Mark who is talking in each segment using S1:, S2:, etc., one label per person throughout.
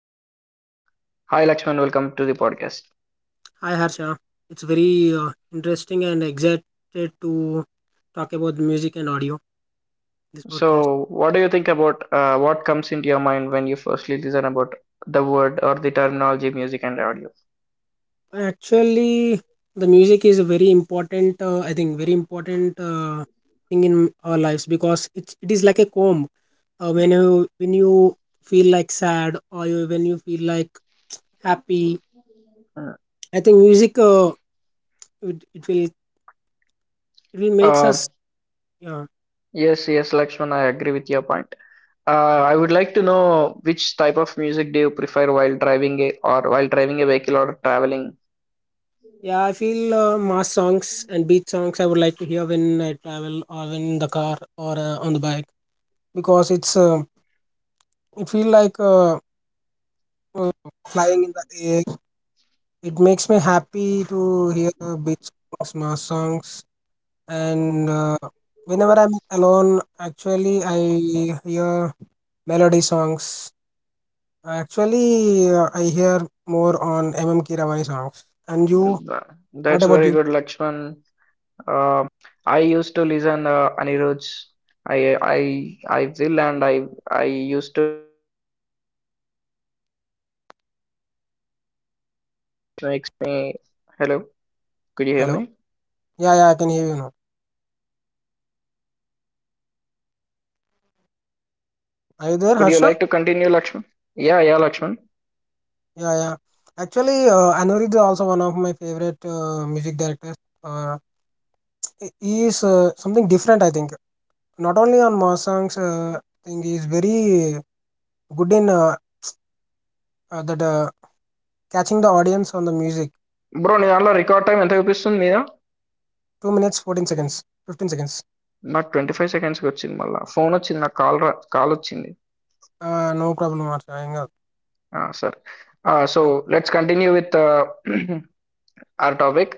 S1: Music and audio. Hi, Lakshman. Welcome to the podcast.
S2: Hi Harsha, it's very interesting and excited to talk about the music and audio this podcast.
S1: So, what do you think about what comes into your mind when you firstly listen about the word or the terminology music and audio?
S2: Actually, the music is a very important, I think, very important thing in our lives because it is like a comb. When you feel like sad, or you, when you feel like happy,
S1: Mm.
S2: I think music, it, it will it will makes
S1: Uh,
S2: us. Yeah.
S1: yes, Lakshman, I agree with your point. I would like to know which type of music do you prefer while driving a vehicle or traveling.
S2: Yeah, I feel mass songs and beat songs I would like to hear when I travel or when in the car or on the bike, because it feel like flying in the air. It makes me happy to hear beat songs, mass songs, and whenever I'm alone, actually I hear melody songs. Actually, I hear more on MM Kiravani songs. And you,
S1: Mm.
S2: what
S1: That's
S2: about
S1: very
S2: you?
S1: good, Lakshman. Uh, I used to listen Anirudh's. I will, and I used to makes me hello could you hear
S2: Hello?
S1: me?
S2: Yeah, yeah, I can hear you now. Are you there,
S3: Could you
S2: Harsha?
S3: like to continue, Lakshman? Yeah, yeah, Lakshman.
S2: Yeah, yeah. Actually, Anurid is also one of my favorite music directors. Uh, he is something different, I think. Not only on mass songs, I think he is very good in that catching the audience on the music.
S3: Bro నీ దాంట్లో record time ఎంత చూపిస్తుంది మీద
S2: 2 minutes, 14 seconds, 15 seconds.
S3: నాకు twenty five సెకండ్స్కి వచ్చింది మళ్ళీ phone వచ్చింది నాకు కాల్ రా కాల్ వచ్చింది
S2: No problem. Archa. Hang up.
S3: సరే so let's continue with our topic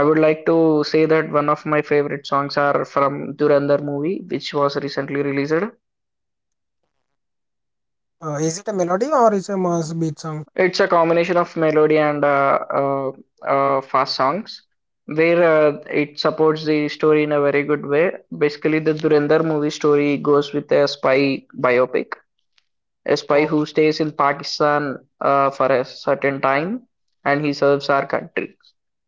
S3: I would like to say that one of my favourite songs are from Dhurandhar movie which was recently released
S2: Is it a melody or is it a mass beat song?
S3: It's a combination of melody and fast songs, where it supports the story in a very good way. Basically, the Dhurandhar movie story goes with a spy biopic, a spy
S2: Oh,
S3: who stays in Pakistan for a certain time, and he serves our country.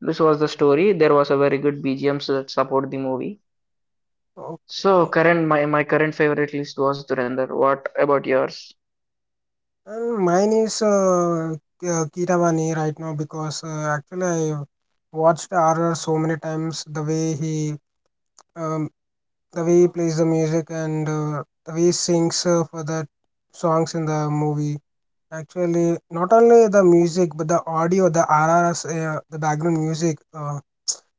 S3: This was the story. There was a very good BGMs that support the movie.
S2: okay.
S3: So, my current favorite list was Dhurandhar. What about yours?
S2: And mine is Kiravani right now, because actually I watched RR so many times. The way he um, plays the music, and the way he sings for the songs in the movie. Actually, not only the music but the audio, the RRS, the background music,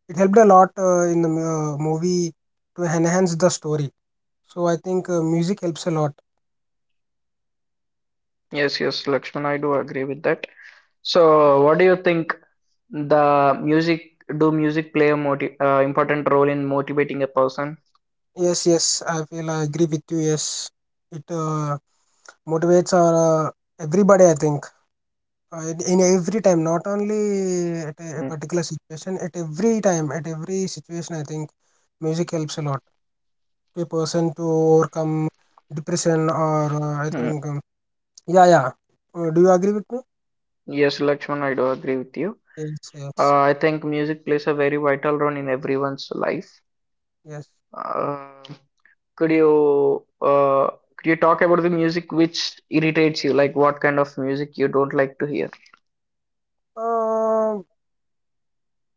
S2: it helped a lot in the movie to enhance the story. So I think music helps a lot.
S3: Yes, yes, Lakshman, I do agree with that. So, what do you think, the music do music play a moti important role in motivating a person?
S2: Yes, yes, I feel I agree with you. Yes, it motivates our, everybody, I think. In every time, not only at a
S3: Hmm.
S2: particular situation, at every time, at every situation, I think music helps a lot to a person to overcome depression or yeah, yeah. Do you agree with me?
S3: Yes, Lakshman, I do agree with you.
S2: Yes, yes,
S3: I think music plays a very vital role in everyone's life.
S2: yes.
S3: Uh, could you uh, could you talk about the music which irritates you? Like what kind of music you don't like to hear?
S2: Uh,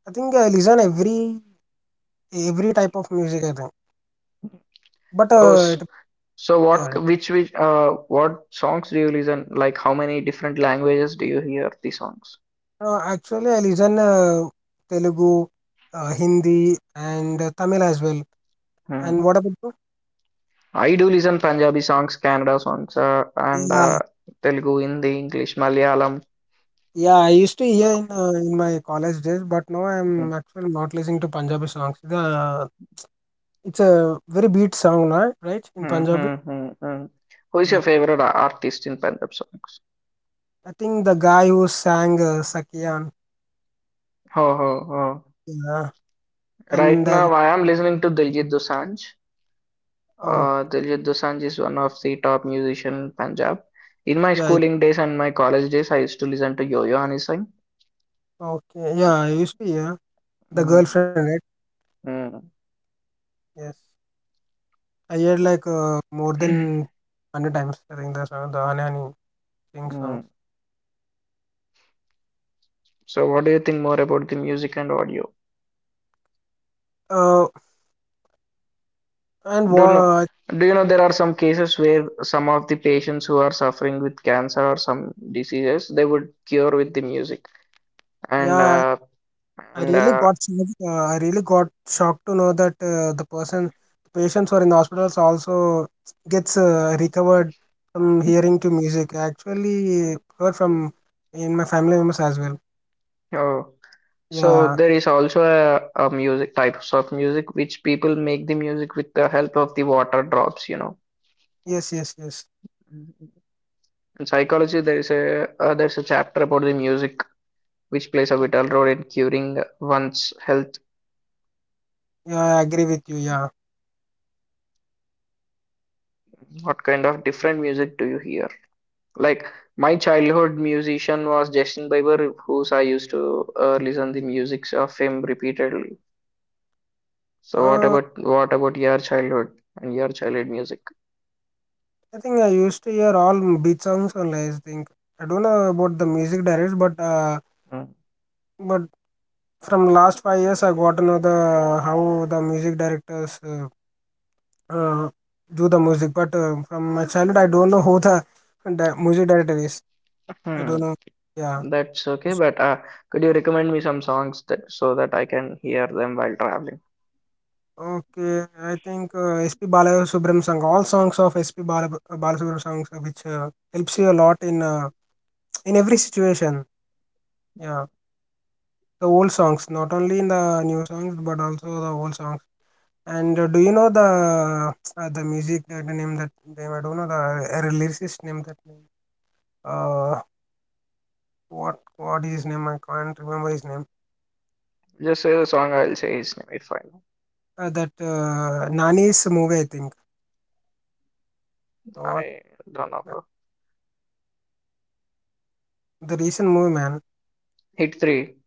S2: I think I listen every type of music, I think. But
S3: Oh,
S2: uh,
S3: s-
S2: it,
S3: so
S2: yeah,
S3: what which what songs do you listen? Like how many different languages do you hear the songs?
S2: actually, I listen Telugu, Hindi, and Tamil as well. And what about
S3: I do listen Punjabi songs, Kannada songs, and
S2: you?
S3: Telugu, Hindi, English, Malayalam.
S2: Yeah, I used to hear in my college days, but now
S3: Hmm.
S2: I'm actually not listening to Punjabi songs. The It's a very beat song, right? Right in
S3: Hmm.
S2: Punjabi.
S3: Hmm. Hmm. Mm. Who is
S2: Yeah,
S3: your favorite artist in Punjab songs?
S2: I think the guy who sang, Sakiyan.
S3: Oh, oh, oh.
S2: Yeah,
S3: Right
S2: and
S3: now, I am listening to Diljit Dosanjh.
S2: oh,
S3: Diljit Dosanjh is one of the top musician in Punjab. In my
S2: yeah, yeah.
S3: schooling days and my college days, I used to listen to Yo-Yo Hanisingh.
S2: Okay, yeah, I used to hear the
S3: Mm,
S2: girlfriend, right?
S3: mm,
S2: Yes, I heard like, more than 100 times, I think, the song, the Anani sing songs.
S3: mm. So, what do you think more about the music and audio?
S2: Uh, and
S3: Do you know,
S2: what?
S3: do you know there are some cases where some of the patients who are suffering with cancer or some diseases, they would cure with the music. And
S2: Yeah,
S3: uh,
S2: I
S3: and
S2: really got shocked, uh, I really got shocked to know that, the person, the patients who are in the hospitals also gets recovered from hearing to music. I actually heard from in my family members as well.
S3: oh, so
S2: Yeah.
S3: there is also a music, types of music which people make the music with the help of the water drops,
S2: Yes. Yes. Yes.
S3: In psychology, there is a there's a chapter about the music which plays a vital role in curing one's health.
S2: Yeah. I agree with you. Yeah.
S3: What kind of different music do you hear? Like my childhood musician was Justin Bieber, whose I used to listen the music of him repeatedly. So what
S2: Uh,
S3: about what about your childhood and your childhood music?
S2: I think I used to hear all beat songs only, I think. I don't know about the music directors, but, but from last 5 years, I got to know the how the music directors, uh, do the music. But from my childhood, I don't know who the music director is. I don't
S3: Mhm.
S2: know. Yeah.
S3: That's okay,
S2: It's-
S3: but could you recommend me some songs that so that I can hear them while traveling?
S2: Okay, I think, S.P. Balasubramanian song, all songs of S.P. Balasubramanian songs, which, helps you a lot in, in every situation. Yeah, the old songs, not only in the new songs, but also the old songs. And do you know the, the music, that the name, that name? I don't know the, lyricist name, that name. Uh, what is his name? I can't remember his name.
S3: Just say the song, I'll say his name if I know.
S2: That, Nani's movie, I think. Not
S3: I don't know,
S2: uh,
S3: bro.
S2: the recent movie, man.
S3: Hit 3.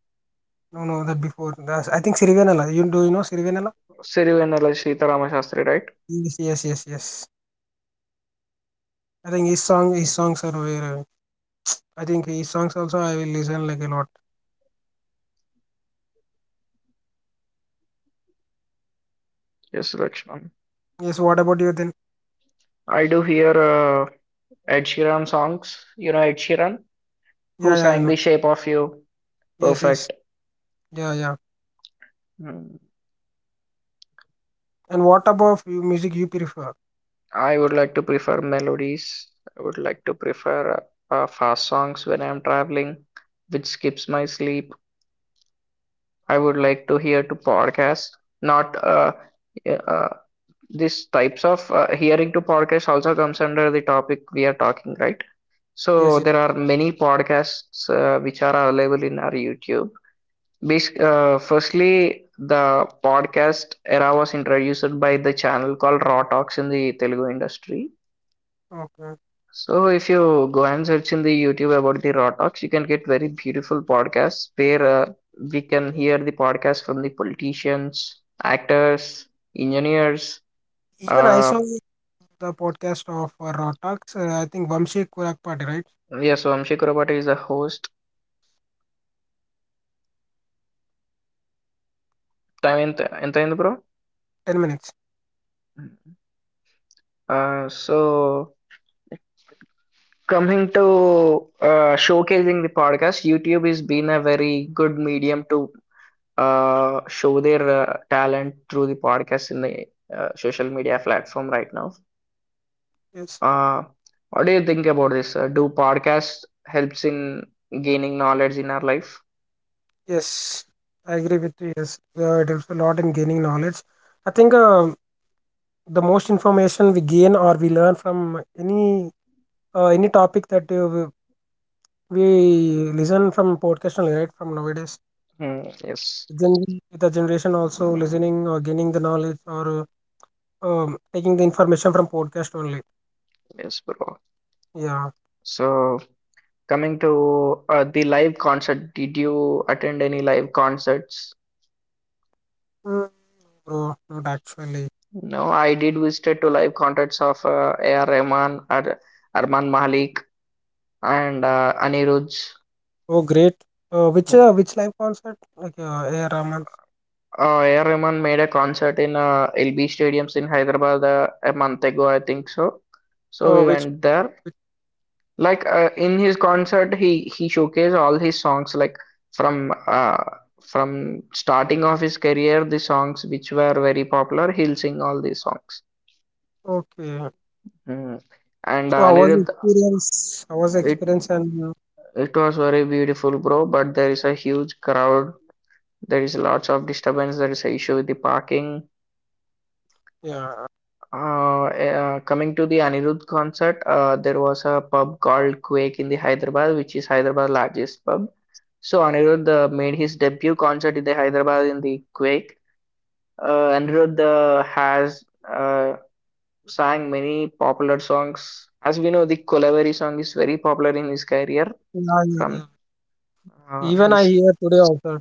S2: No, no, that before. That's, I think, Sirivanala. You Do you know Sirivanala?
S3: Sirivennela Sitaram Shastri, right?
S2: Yes, yes, yes, yes. I think his song, his songs are very. I think his songs also I will listen like a lot.
S1: Yes, Lakshman.
S2: Yes. What about you then?
S1: I do hear Ed Sheeran songs. You know Ed Sheeran,
S2: Yeah,
S1: who
S2: yeah, I
S1: sang
S2: know.
S1: The Shape of You.
S2: Yes, yes.
S1: Perfect.
S2: Yeah, yeah.
S1: Mm,
S2: And what about you, music you prefer?
S1: I would like to prefer melodies. I would like to prefer fast songs when I'm traveling, which skips my sleep. I would like to hear to podcasts, not uh, these types of hearing to podcasts also comes under the topic we are talking, right?
S2: Yes.
S1: So
S2: Yes.
S1: there are many podcasts which are available in our YouTube. Firstly, the podcast era was introduced by the channel called Raw Talks in the Telugu industry.
S2: Okay.
S1: So, if you go and search in the YouTube about the Raw Talks, you can get very beautiful podcasts where we can hear the podcast from the politicians, actors, engineers.
S2: Even I saw
S1: Uh,
S2: the podcast of, Raw Talks. I think Vamshi Kurakpati, right?
S1: yeah, so Amshi Kurabata is the host. Time ఎంత ఎంత అయింది bro?
S2: 10 minutes.
S1: Uh, so Coming to showcasing the podcast, YouTube has been a very good medium to show their talent through the podcast in the social media platform right now.
S2: Yes.
S1: Uh, what do you think about this? Do podcasts helps in gaining knowledge in our life?
S2: Yes, I agree with you. Yes, it helps a lot in gaining knowledge. I think, the most information we gain or we learn from any topic, that, we listen from podcast only, right? From nowadays,
S1: Hmm, yes,
S2: Gen Z, the generation also listening or gaining the knowledge or, taking the information from podcast only.
S1: yes, bro.
S2: Yeah.
S1: So coming to the live concert, did you attend any live concerts?
S2: Mm, Bro, not actually.
S1: No, I did visit to live concerts of A.R. Rahman, Ar Arman Malik, and Anirudh.
S2: Oh, great.
S1: Uh,
S2: Which live concert? Like, A. R. Rahman's.
S1: A.R. Rahman made a concert in LB Stadiums in Hyderabad a month ago, I think so. So
S2: Oh,
S1: we
S2: which,
S1: went there.
S2: which?
S1: Like in his concert, he showcased all his songs, like from uh, from starting of his career, the songs which were very popular. He'll sing all these songs.
S2: Okay.
S1: Hmm. And
S2: So
S1: Anirudh,
S2: I was experience, and
S1: it was very beautiful bro, but there is a huge crowd. There is lots of disturbance. There is a issue with the parking.
S2: yeah,
S1: Coming to the Anirudh concert, there was a pub called Quake in the Hyderabad, which is Hyderabad's largest pub. So Anirudh made his debut concert in the Hyderabad in the Quake. Anirudh has sang many popular songs. As we know, the Kolavari song is very popular in his career
S2: yeah, yeah,
S1: from
S2: yeah. Even I
S1: his
S2: hear today also.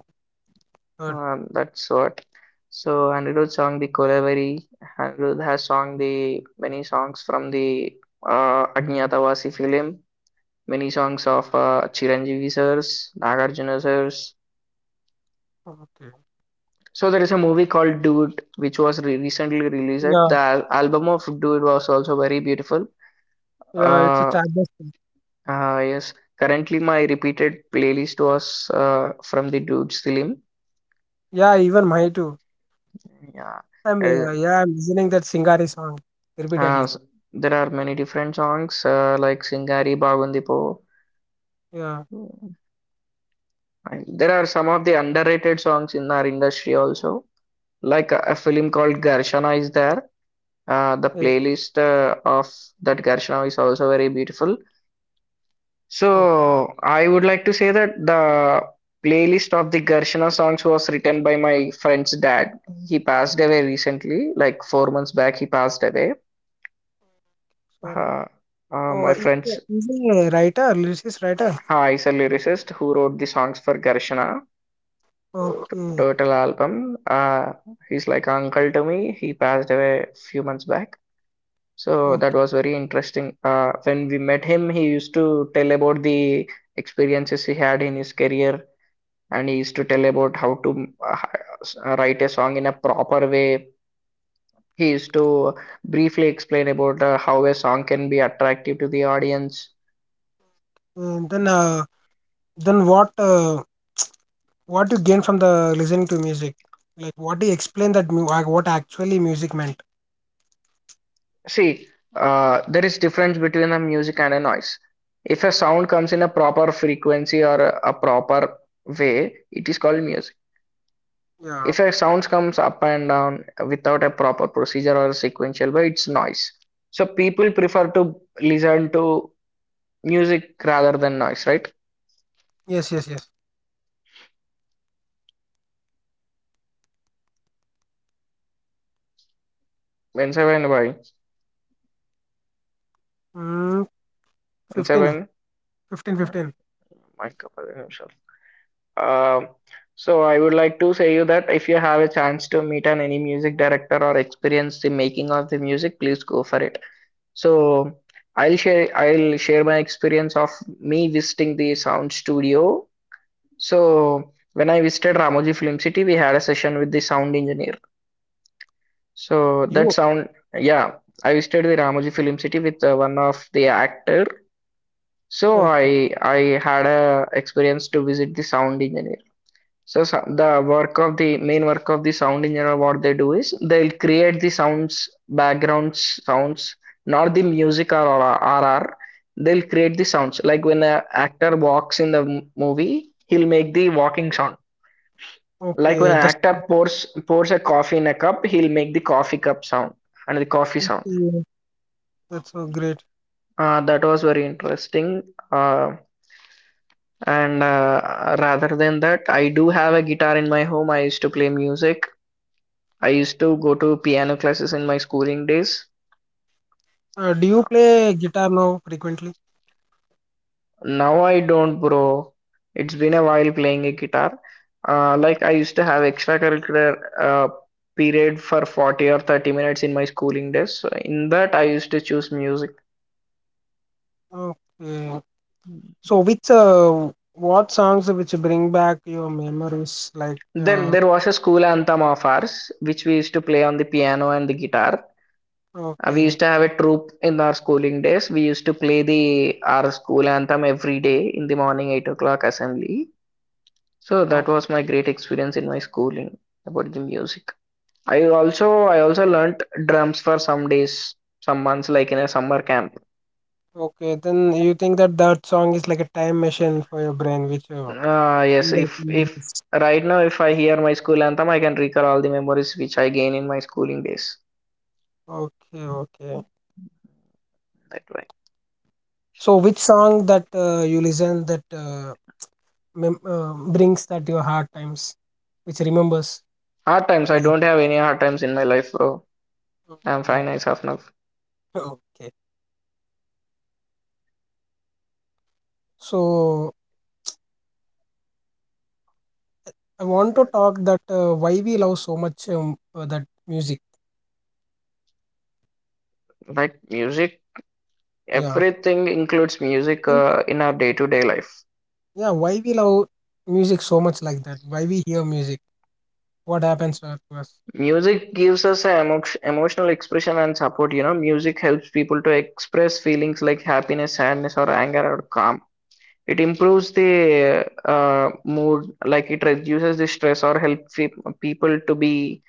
S2: Heard.
S1: That's what. So Anirudh sang the Kolaveri. Anirudh has sung the many songs from the Ajnatavasi film, many songs of Chiranjeevi sirs, Nagarjuna sirs.
S2: Okay.
S1: So there is a movie called Dude, which was re recently released.
S2: Yeah,
S1: The al album of Dude was also very beautiful.
S2: yeah, it's a
S1: Uh,
S2: childless thing.
S1: yes. Currently, my repeated playlist was from the Dude's film.
S2: Yeah, even my too.
S1: Yeah.
S2: I'm Yeah, I'm listening that Singari song
S1: Uh,
S2: repeatedly.
S1: s- there are many different songs like Singari Bagundipo.
S2: Yeah,
S1: And there are some of the underrated songs in our industry also. Like a film called Garshana is there. The
S2: yeah.
S1: playlist of that Garshana is also very beautiful.
S2: Okay.
S1: So I would like to say that the playlist of the Garshana songs was written by my friend's dad. He passed away recently, like 4 months back. He passed away.
S2: Sorry.
S1: Uh,
S2: Oh,
S1: my friend's
S2: he's a writer, lyricist writer.
S1: Ha is a lyricist who wrote the songs for Gershona
S2: Okay,
S1: Turtle album. He's like uncle to me. He passed away a few months back. So that
S2: okay.
S1: was very interesting. When we met him, he used to tell about the experiences he had in his career, and he used to tell about how to write a song in a proper way. He used to briefly explain about how a song can be attractive to the audience.
S2: Then, uh, then, what you gain from the listening to music? Like, what do you explain that what actually music meant?
S1: See, there is difference between a music and a noise. If a sound comes in a proper frequency or a proper way, it is called music.
S2: Yeah.
S1: If a sound comes up and down without a proper procedure or a sequential way, it's noise. So people prefer to listen to music rather than noise, right?
S2: Yes, yes, yes.
S1: When seven why?
S2: Mm,
S1: When
S2: 15
S1: seven,
S2: 15, 15.
S1: my couple. Um so I would like to say you that if you have a chance to meet an any music director or experience the making of the music, please go for it. So I'll share my experience of me visiting the sound studio. So when I visited Ramoji Film City, we had a session with the sound engineer. So that
S2: You?
S1: sound, yeah, I visited the Ramoji Film City with one of the actor. So
S2: Okay,
S1: I had a experience to visit the sound engineer. So the main work of the sound engineer, what they do is they'll create the sounds, background sounds, not the music or RR. They'll create the sounds. Like when an actor walks in the movie, he'll make the walking sound. Like when
S2: okay.
S1: an
S2: That's,
S1: actor pours a coffee in a cup, he'll make the coffee cup sound and the coffee sound.
S2: okay, that's so great.
S1: That was very interesting. Uh, and Rather than that, I do have a guitar in my home. I used to play music. I used to go to piano classes in my schooling days.
S2: Do you play guitar now frequently?
S1: Now I don't, bro. It's been a while playing a guitar. Like I used to have extracurricular period for 40 or 30 minutes in my schooling days. So in that, I used to choose music.
S2: Okay. So, which what songs which bring back your memories? Like
S1: Then
S2: uh,
S1: there was a school anthem of ours, which we used to play on the piano and the guitar. We
S2: okay,
S1: used to have a troupe in our schooling days. We used to play the our school anthem every day in the morning 8 o'clock assembly. So
S2: okay,
S1: that was my great experience in my schooling about the music. I also learnt drums for some days, some months, like in a summer camp.
S2: okay. Then you think that that song is like a time machine for your brain, which,
S1: Ah, yes.
S2: bring back
S1: If
S2: memories.
S1: right now if I hear my school anthem, I can recall all the memories which I gain in my schooling days.
S2: Okay, okay.
S1: That way.
S2: So which song that, you listen that, brings that your hard times, which remembers.
S1: Hard times. I don't have any hard times in my life, bro. I'm
S2: your-
S1: fine as of now.
S2: Okay, okay. Okay. So I want to talk that, why we love so much, that music.
S1: Like music,
S2: Yeah.
S1: everything includes music
S2: Mm.
S1: in our day-to-day life.
S2: Yeah. Why we love music so much like that? Why we hear music? What happens to us?
S1: Music gives us an emotional expression and support. You know, music helps people to express feelings like happiness, sadness, or anger or calm. It improves the mood, like it reduces the stress or helps people to be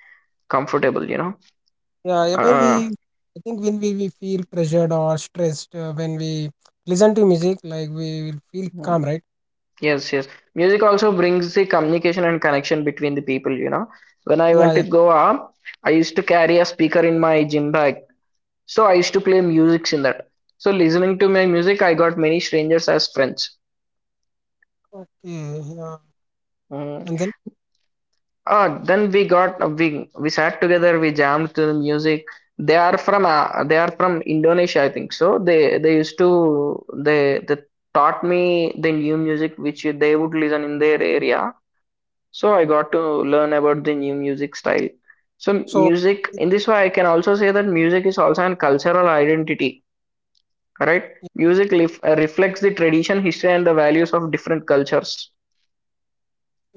S1: comfortable. You know,
S2: Yeah, yeah,
S1: uh,
S2: I think when we feel pressured or stressed, when we listen to music, like we will feel
S1: mm,
S2: calm, right?
S1: yes, yes. Music also brings the communication and connection between the people. You know, when I
S2: Yeah,
S1: went to
S2: yeah.
S1: Goa, I used to carry a speaker in my gym bag. So I used to play music in that. So listening to my music, I got many strangers as friends.
S2: Okay, yeah.
S1: Mm.
S2: And then
S1: Ah, then we got we sat together, we jammed to the music. They are from Indonesia, I think. So they taught me the new music which they would listen in their area. So I got to learn about the new music style. So
S2: so.
S1: music in this way, I can also say that music is also a cultural identity. Right? Music reflects the tradition, history, and the values of different cultures.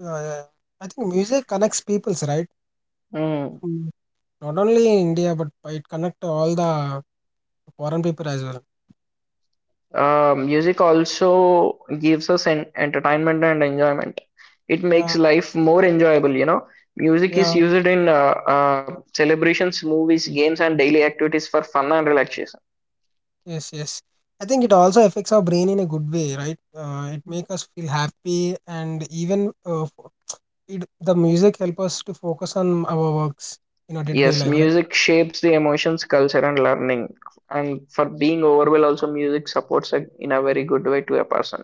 S2: Uh, I think music connects peoples, right?
S1: Mm.
S2: Mm. Not only in India, but it connects all the foreign people as well.
S1: Music also gives us entertainment and enjoyment. It makes
S2: Yeah,
S1: life more enjoyable, you know. Music
S2: yeah,
S1: is used in celebrations, movies, games, and daily activities for fun and relaxation.
S2: yes, yes. I think it also affects our brain in a good way, right? It makes us feel happy, and even, the music help us to focus on our works in our day-to-day
S1: Yes,
S2: life, right?
S1: music shapes the emotions, culture, and learning. And for being overwhelmed, also music supports a, in a very good way to a person.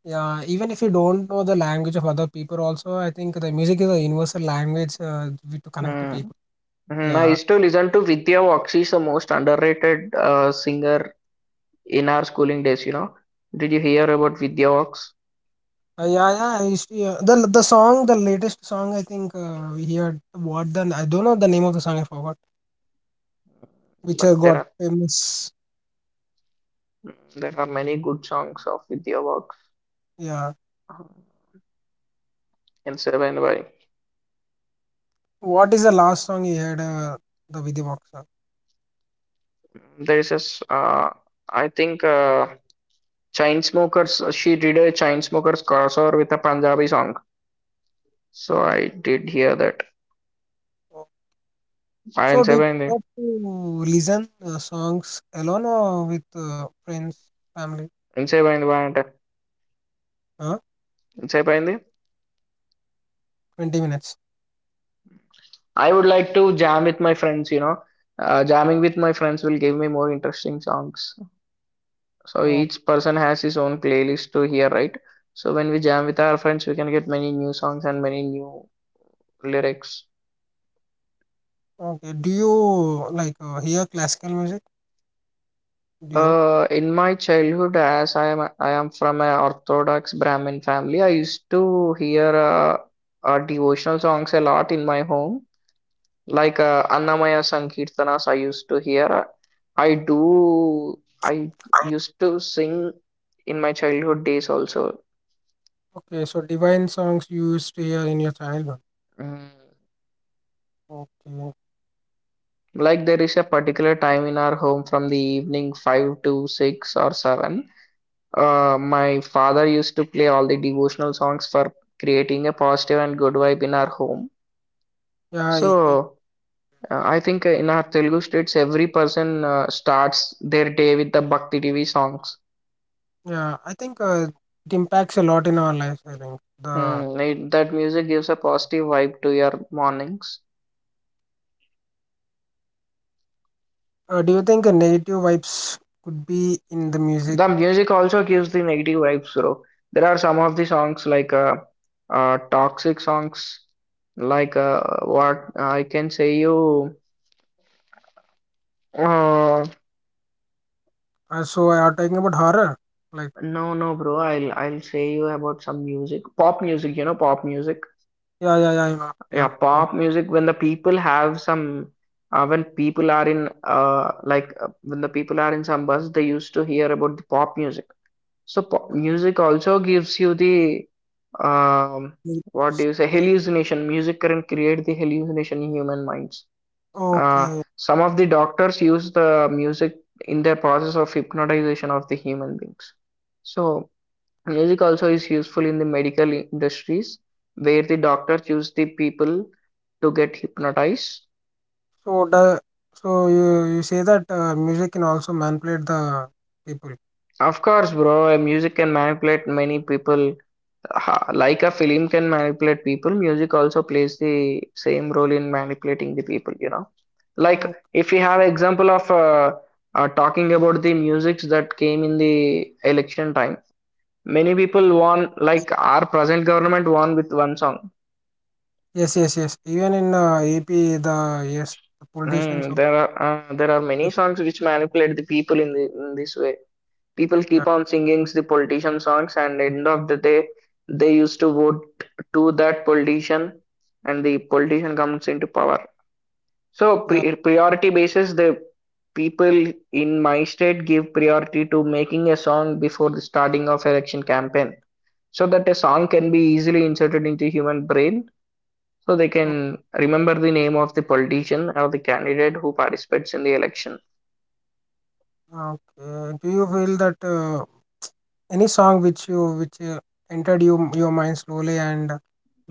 S2: Yeah, even if you don't know the language of other people, also I think the music is a universal language, to connect to
S1: Hmm.
S2: people.
S1: Mhm, I
S2: Yeah.
S1: used to listen to Vidya Foxx. She's the most underrated singer in our schooling days, you know. Did you hear about Vidya Foxx?
S2: Yeah, yeah. I used to hear the song, the latest song, I think. We heard what the, I don't know the name of the song. I forgot which,
S1: But
S2: got famous.
S1: there are many good songs of Vidya Foxx
S2: Yeah.
S1: uh, in Seven by.
S2: What is the last song you heard? The Vidivok song.
S1: There is a s I think Chainsmokers. She did a Chainsmokers crossover with a Punjabi song, so I did hear that.
S2: So,
S1: I
S2: so
S1: in
S2: do you
S1: Seven
S2: prefer to listen, songs alone or with, friends, family?
S1: in Seven
S2: Huh?
S1: in Seven
S2: 20 minutes.
S1: I would like to jam with my friends, you know. Jamming with my friends will give me more interesting songs. So
S2: Oh,
S1: each person has his own playlist to hear, right? So when we jam with our friends, we can get many new songs and many new lyrics.
S2: okay. Do you like, hear classical music? Do you?
S1: In my childhood, as I am from an Orthodox Brahmin family, I used to hear devotional songs a lot in my home. Like Annamaya Sankirtanas I used to hear. I do, I used to sing in my childhood days also.
S2: Okay. So divine songs you used to hear in your childhood.
S1: Mm.
S2: Okay.
S1: Like there is a particular time in our home from the evening 5 to 6 or 7. My father used to play all the devotional songs for creating a positive and good vibe in our home.
S2: Yeah. Even.
S1: So I think in our Telugu states, every person starts their day with the Bhakti TV songs.
S2: Yeah, I think, it impacts a lot in our lives. I think the.
S1: Hmm, that music gives a positive vibe to your mornings.
S2: Do you think, negative vibes could be in the music?
S1: The music also gives the negative vibes, bro. There are some of the songs like toxic songs, like what I can say you. Uh,
S2: So I are talking about horror, like.
S1: no, no, bro. I'll say you about some music, pop music. You know, pop music.
S2: Yeah, yeah, yeah,
S1: Yeah,
S2: yeah.
S1: pop music. When the people have some, when people are in when the people are in some bus, they used to hear about the pop music. So po music also gives you the um,
S2: Probably.
S1: what do you say hallucination. Music can create the hallucination in human minds. Uh,
S2: Okay,
S1: some of the doctors use the music in their process of hypnotization of the human beings. So music also is useful in the medical industries where the doctors use the people to get hypnotized.
S2: so the so you say that, music can also manipulate the people.
S1: Of course, bro, music can manipulate many people. Like a film can manipulate people, music also plays the same role in manipulating the people, you know. Like
S2: Okay.
S1: if we have example of talking about the musics that came in the election time, many people won like our present government won with one song.
S2: Yes, yes, yes. Even in, AP, the yes, the politicians.
S1: Hmm, there are there are many songs which manipulate the people in the in this way. People
S2: Yeah,
S1: keep on singing the politician songs and end of the day they used to vote to that politician and the politician comes into power. So
S2: yeah.
S1: priority basis the people in my state give priority to making a song before the starting of election campaign so that a song can be easily inserted into human brain so they
S2: Oh.
S1: can remember the name of the politician or the candidate who participates in the election.
S2: Okay. Do you feel that? Any song which you, which, entered your mind slowly, and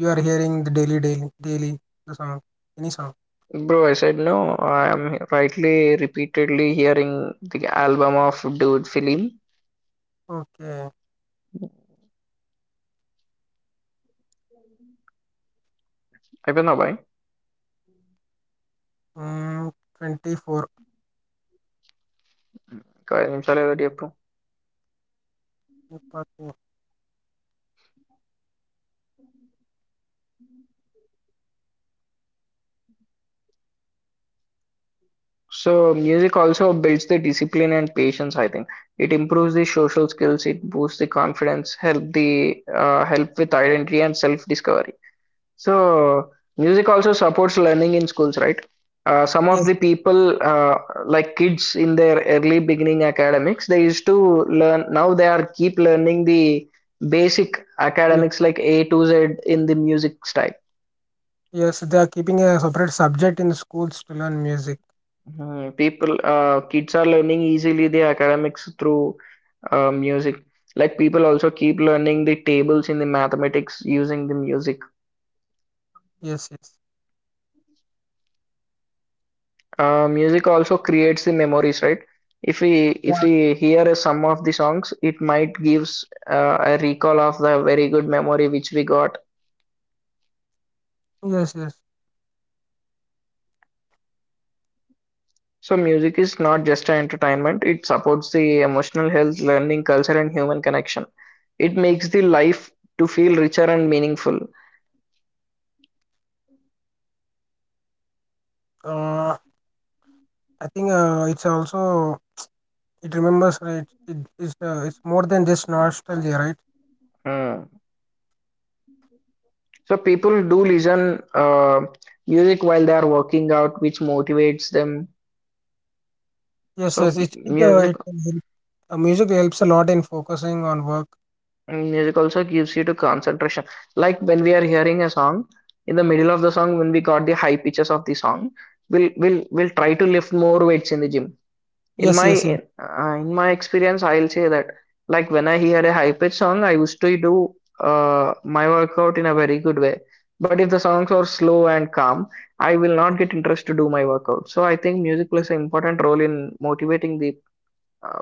S2: you are hearing the daily the song. Any song.
S1: Bro, I said no. I am rightly repeatedly hearing the album of Dude Film.
S2: Okay.
S1: I don't know why.
S2: Mm, 24.
S1: Because I'm sorry that you have to.
S2: Okay.
S1: So music also builds the discipline and patience, I think. It improves the social skills, it boosts the confidence, help the help with identity and self-discovery. So music also supports learning in schools, right? Some
S2: Yes.
S1: of the people, like kids in their early beginning academics, they used to learn. Now they are keep learning the basic
S2: y-
S1: academics like A to Z in the music style.
S2: Yes, they are keeping a separate subject in schools to learn music.
S1: Mhm. People, kids are learning easily the academics through music. Like people also keep learning the tables in the mathematics using the music.
S2: Yes, yes.
S1: Music also creates the memories, right? If we
S2: Yeah.
S1: if we hear a some of the songs, it might gives a recall of the very good memory which we got.
S2: Yes, yes.
S1: So music is not just an entertainment; it supports the emotional health, learning, culture, and human connection. It makes the life to feel richer and meaningful.
S2: Uh, I think, it's also it remembers, right. It's more than just nostalgia, right?
S1: Mm. So people do listen music while they are working out, which motivates them.
S2: Yes,
S1: So
S2: yes. It,
S1: music.
S2: it Music helps a lot in focusing on work.
S1: And music also gives you to concentration. Like when we are hearing a song, in the middle of the song, when we got the high pitches of the song, we'll try to lift more weights in the gym.
S2: Yes, yes, yes. Yeah.
S1: In my experience, I'll say that like when I hear a high pitch song, I used to do my workout in a very good way. But if the songs are slow and calm, I will not get interest to do my workout. So I think music plays an important role in motivating the uh,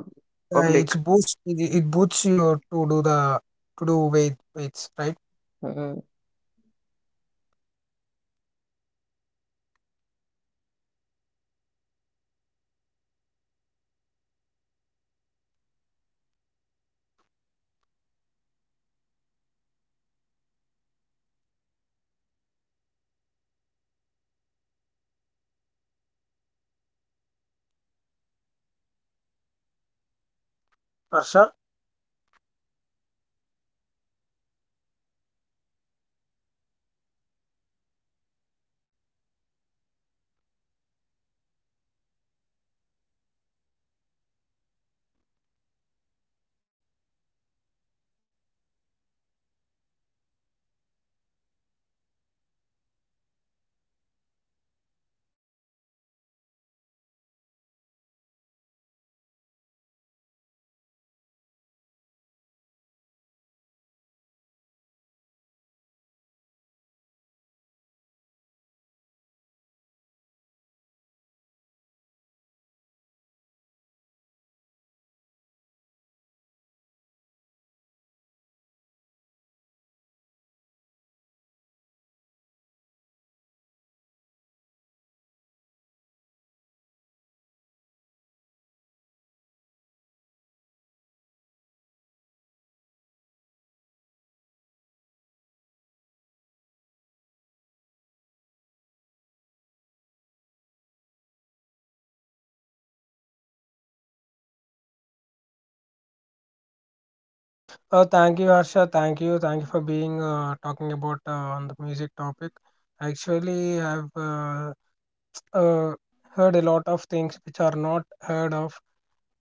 S2: Yeah, it's
S1: public.
S2: boosts it it boosts you to do the to do weights, right? Harsha, thank you, Harsha. Thank you for being, talking about, on the music topic. Actually, I've uh, heard a lot of things which are not heard of.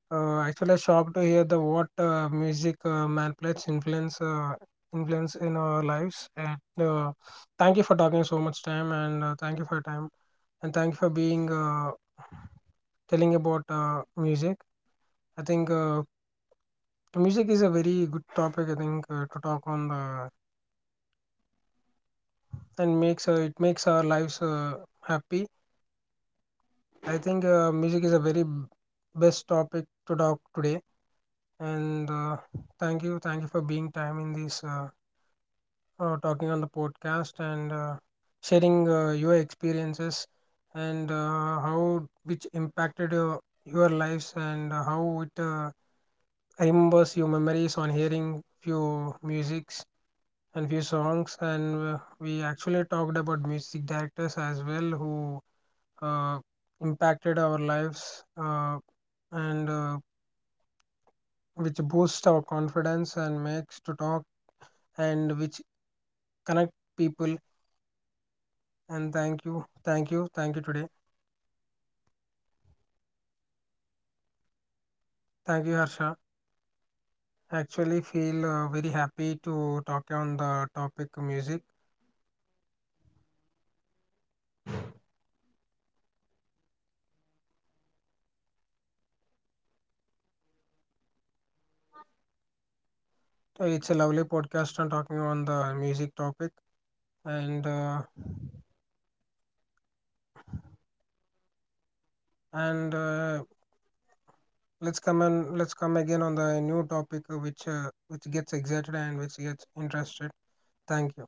S2: Actually, I shocked to hear the what, music, man plays influence, influence in our lives. And thank you for talking so much time, and, thank you for your time, and thank you for being, telling about, music. I think, music is a very good topic, I think, to talk on. The and makes it makes our lives, happy. I think, music is a very best topic to talk today. And thank you for being time in this. Talking on the podcast, and, sharing, your experiences, and, how which impacted, your lives, and, how it, remembers your memories on hearing few musics and few songs, and, we actually talked about music directors as well, who, uh, impacted our lives, and, which boosts our confidence and makes to talk and which connect people, and thank you, thank you, thank you today, thank you, Harsha. Actually feel, very happy to talk on the topic music. It's a lovely podcast on talking on the music topic, and uh, and let's come again on the new topic, which, which gets excited and which gets interested. Thank you.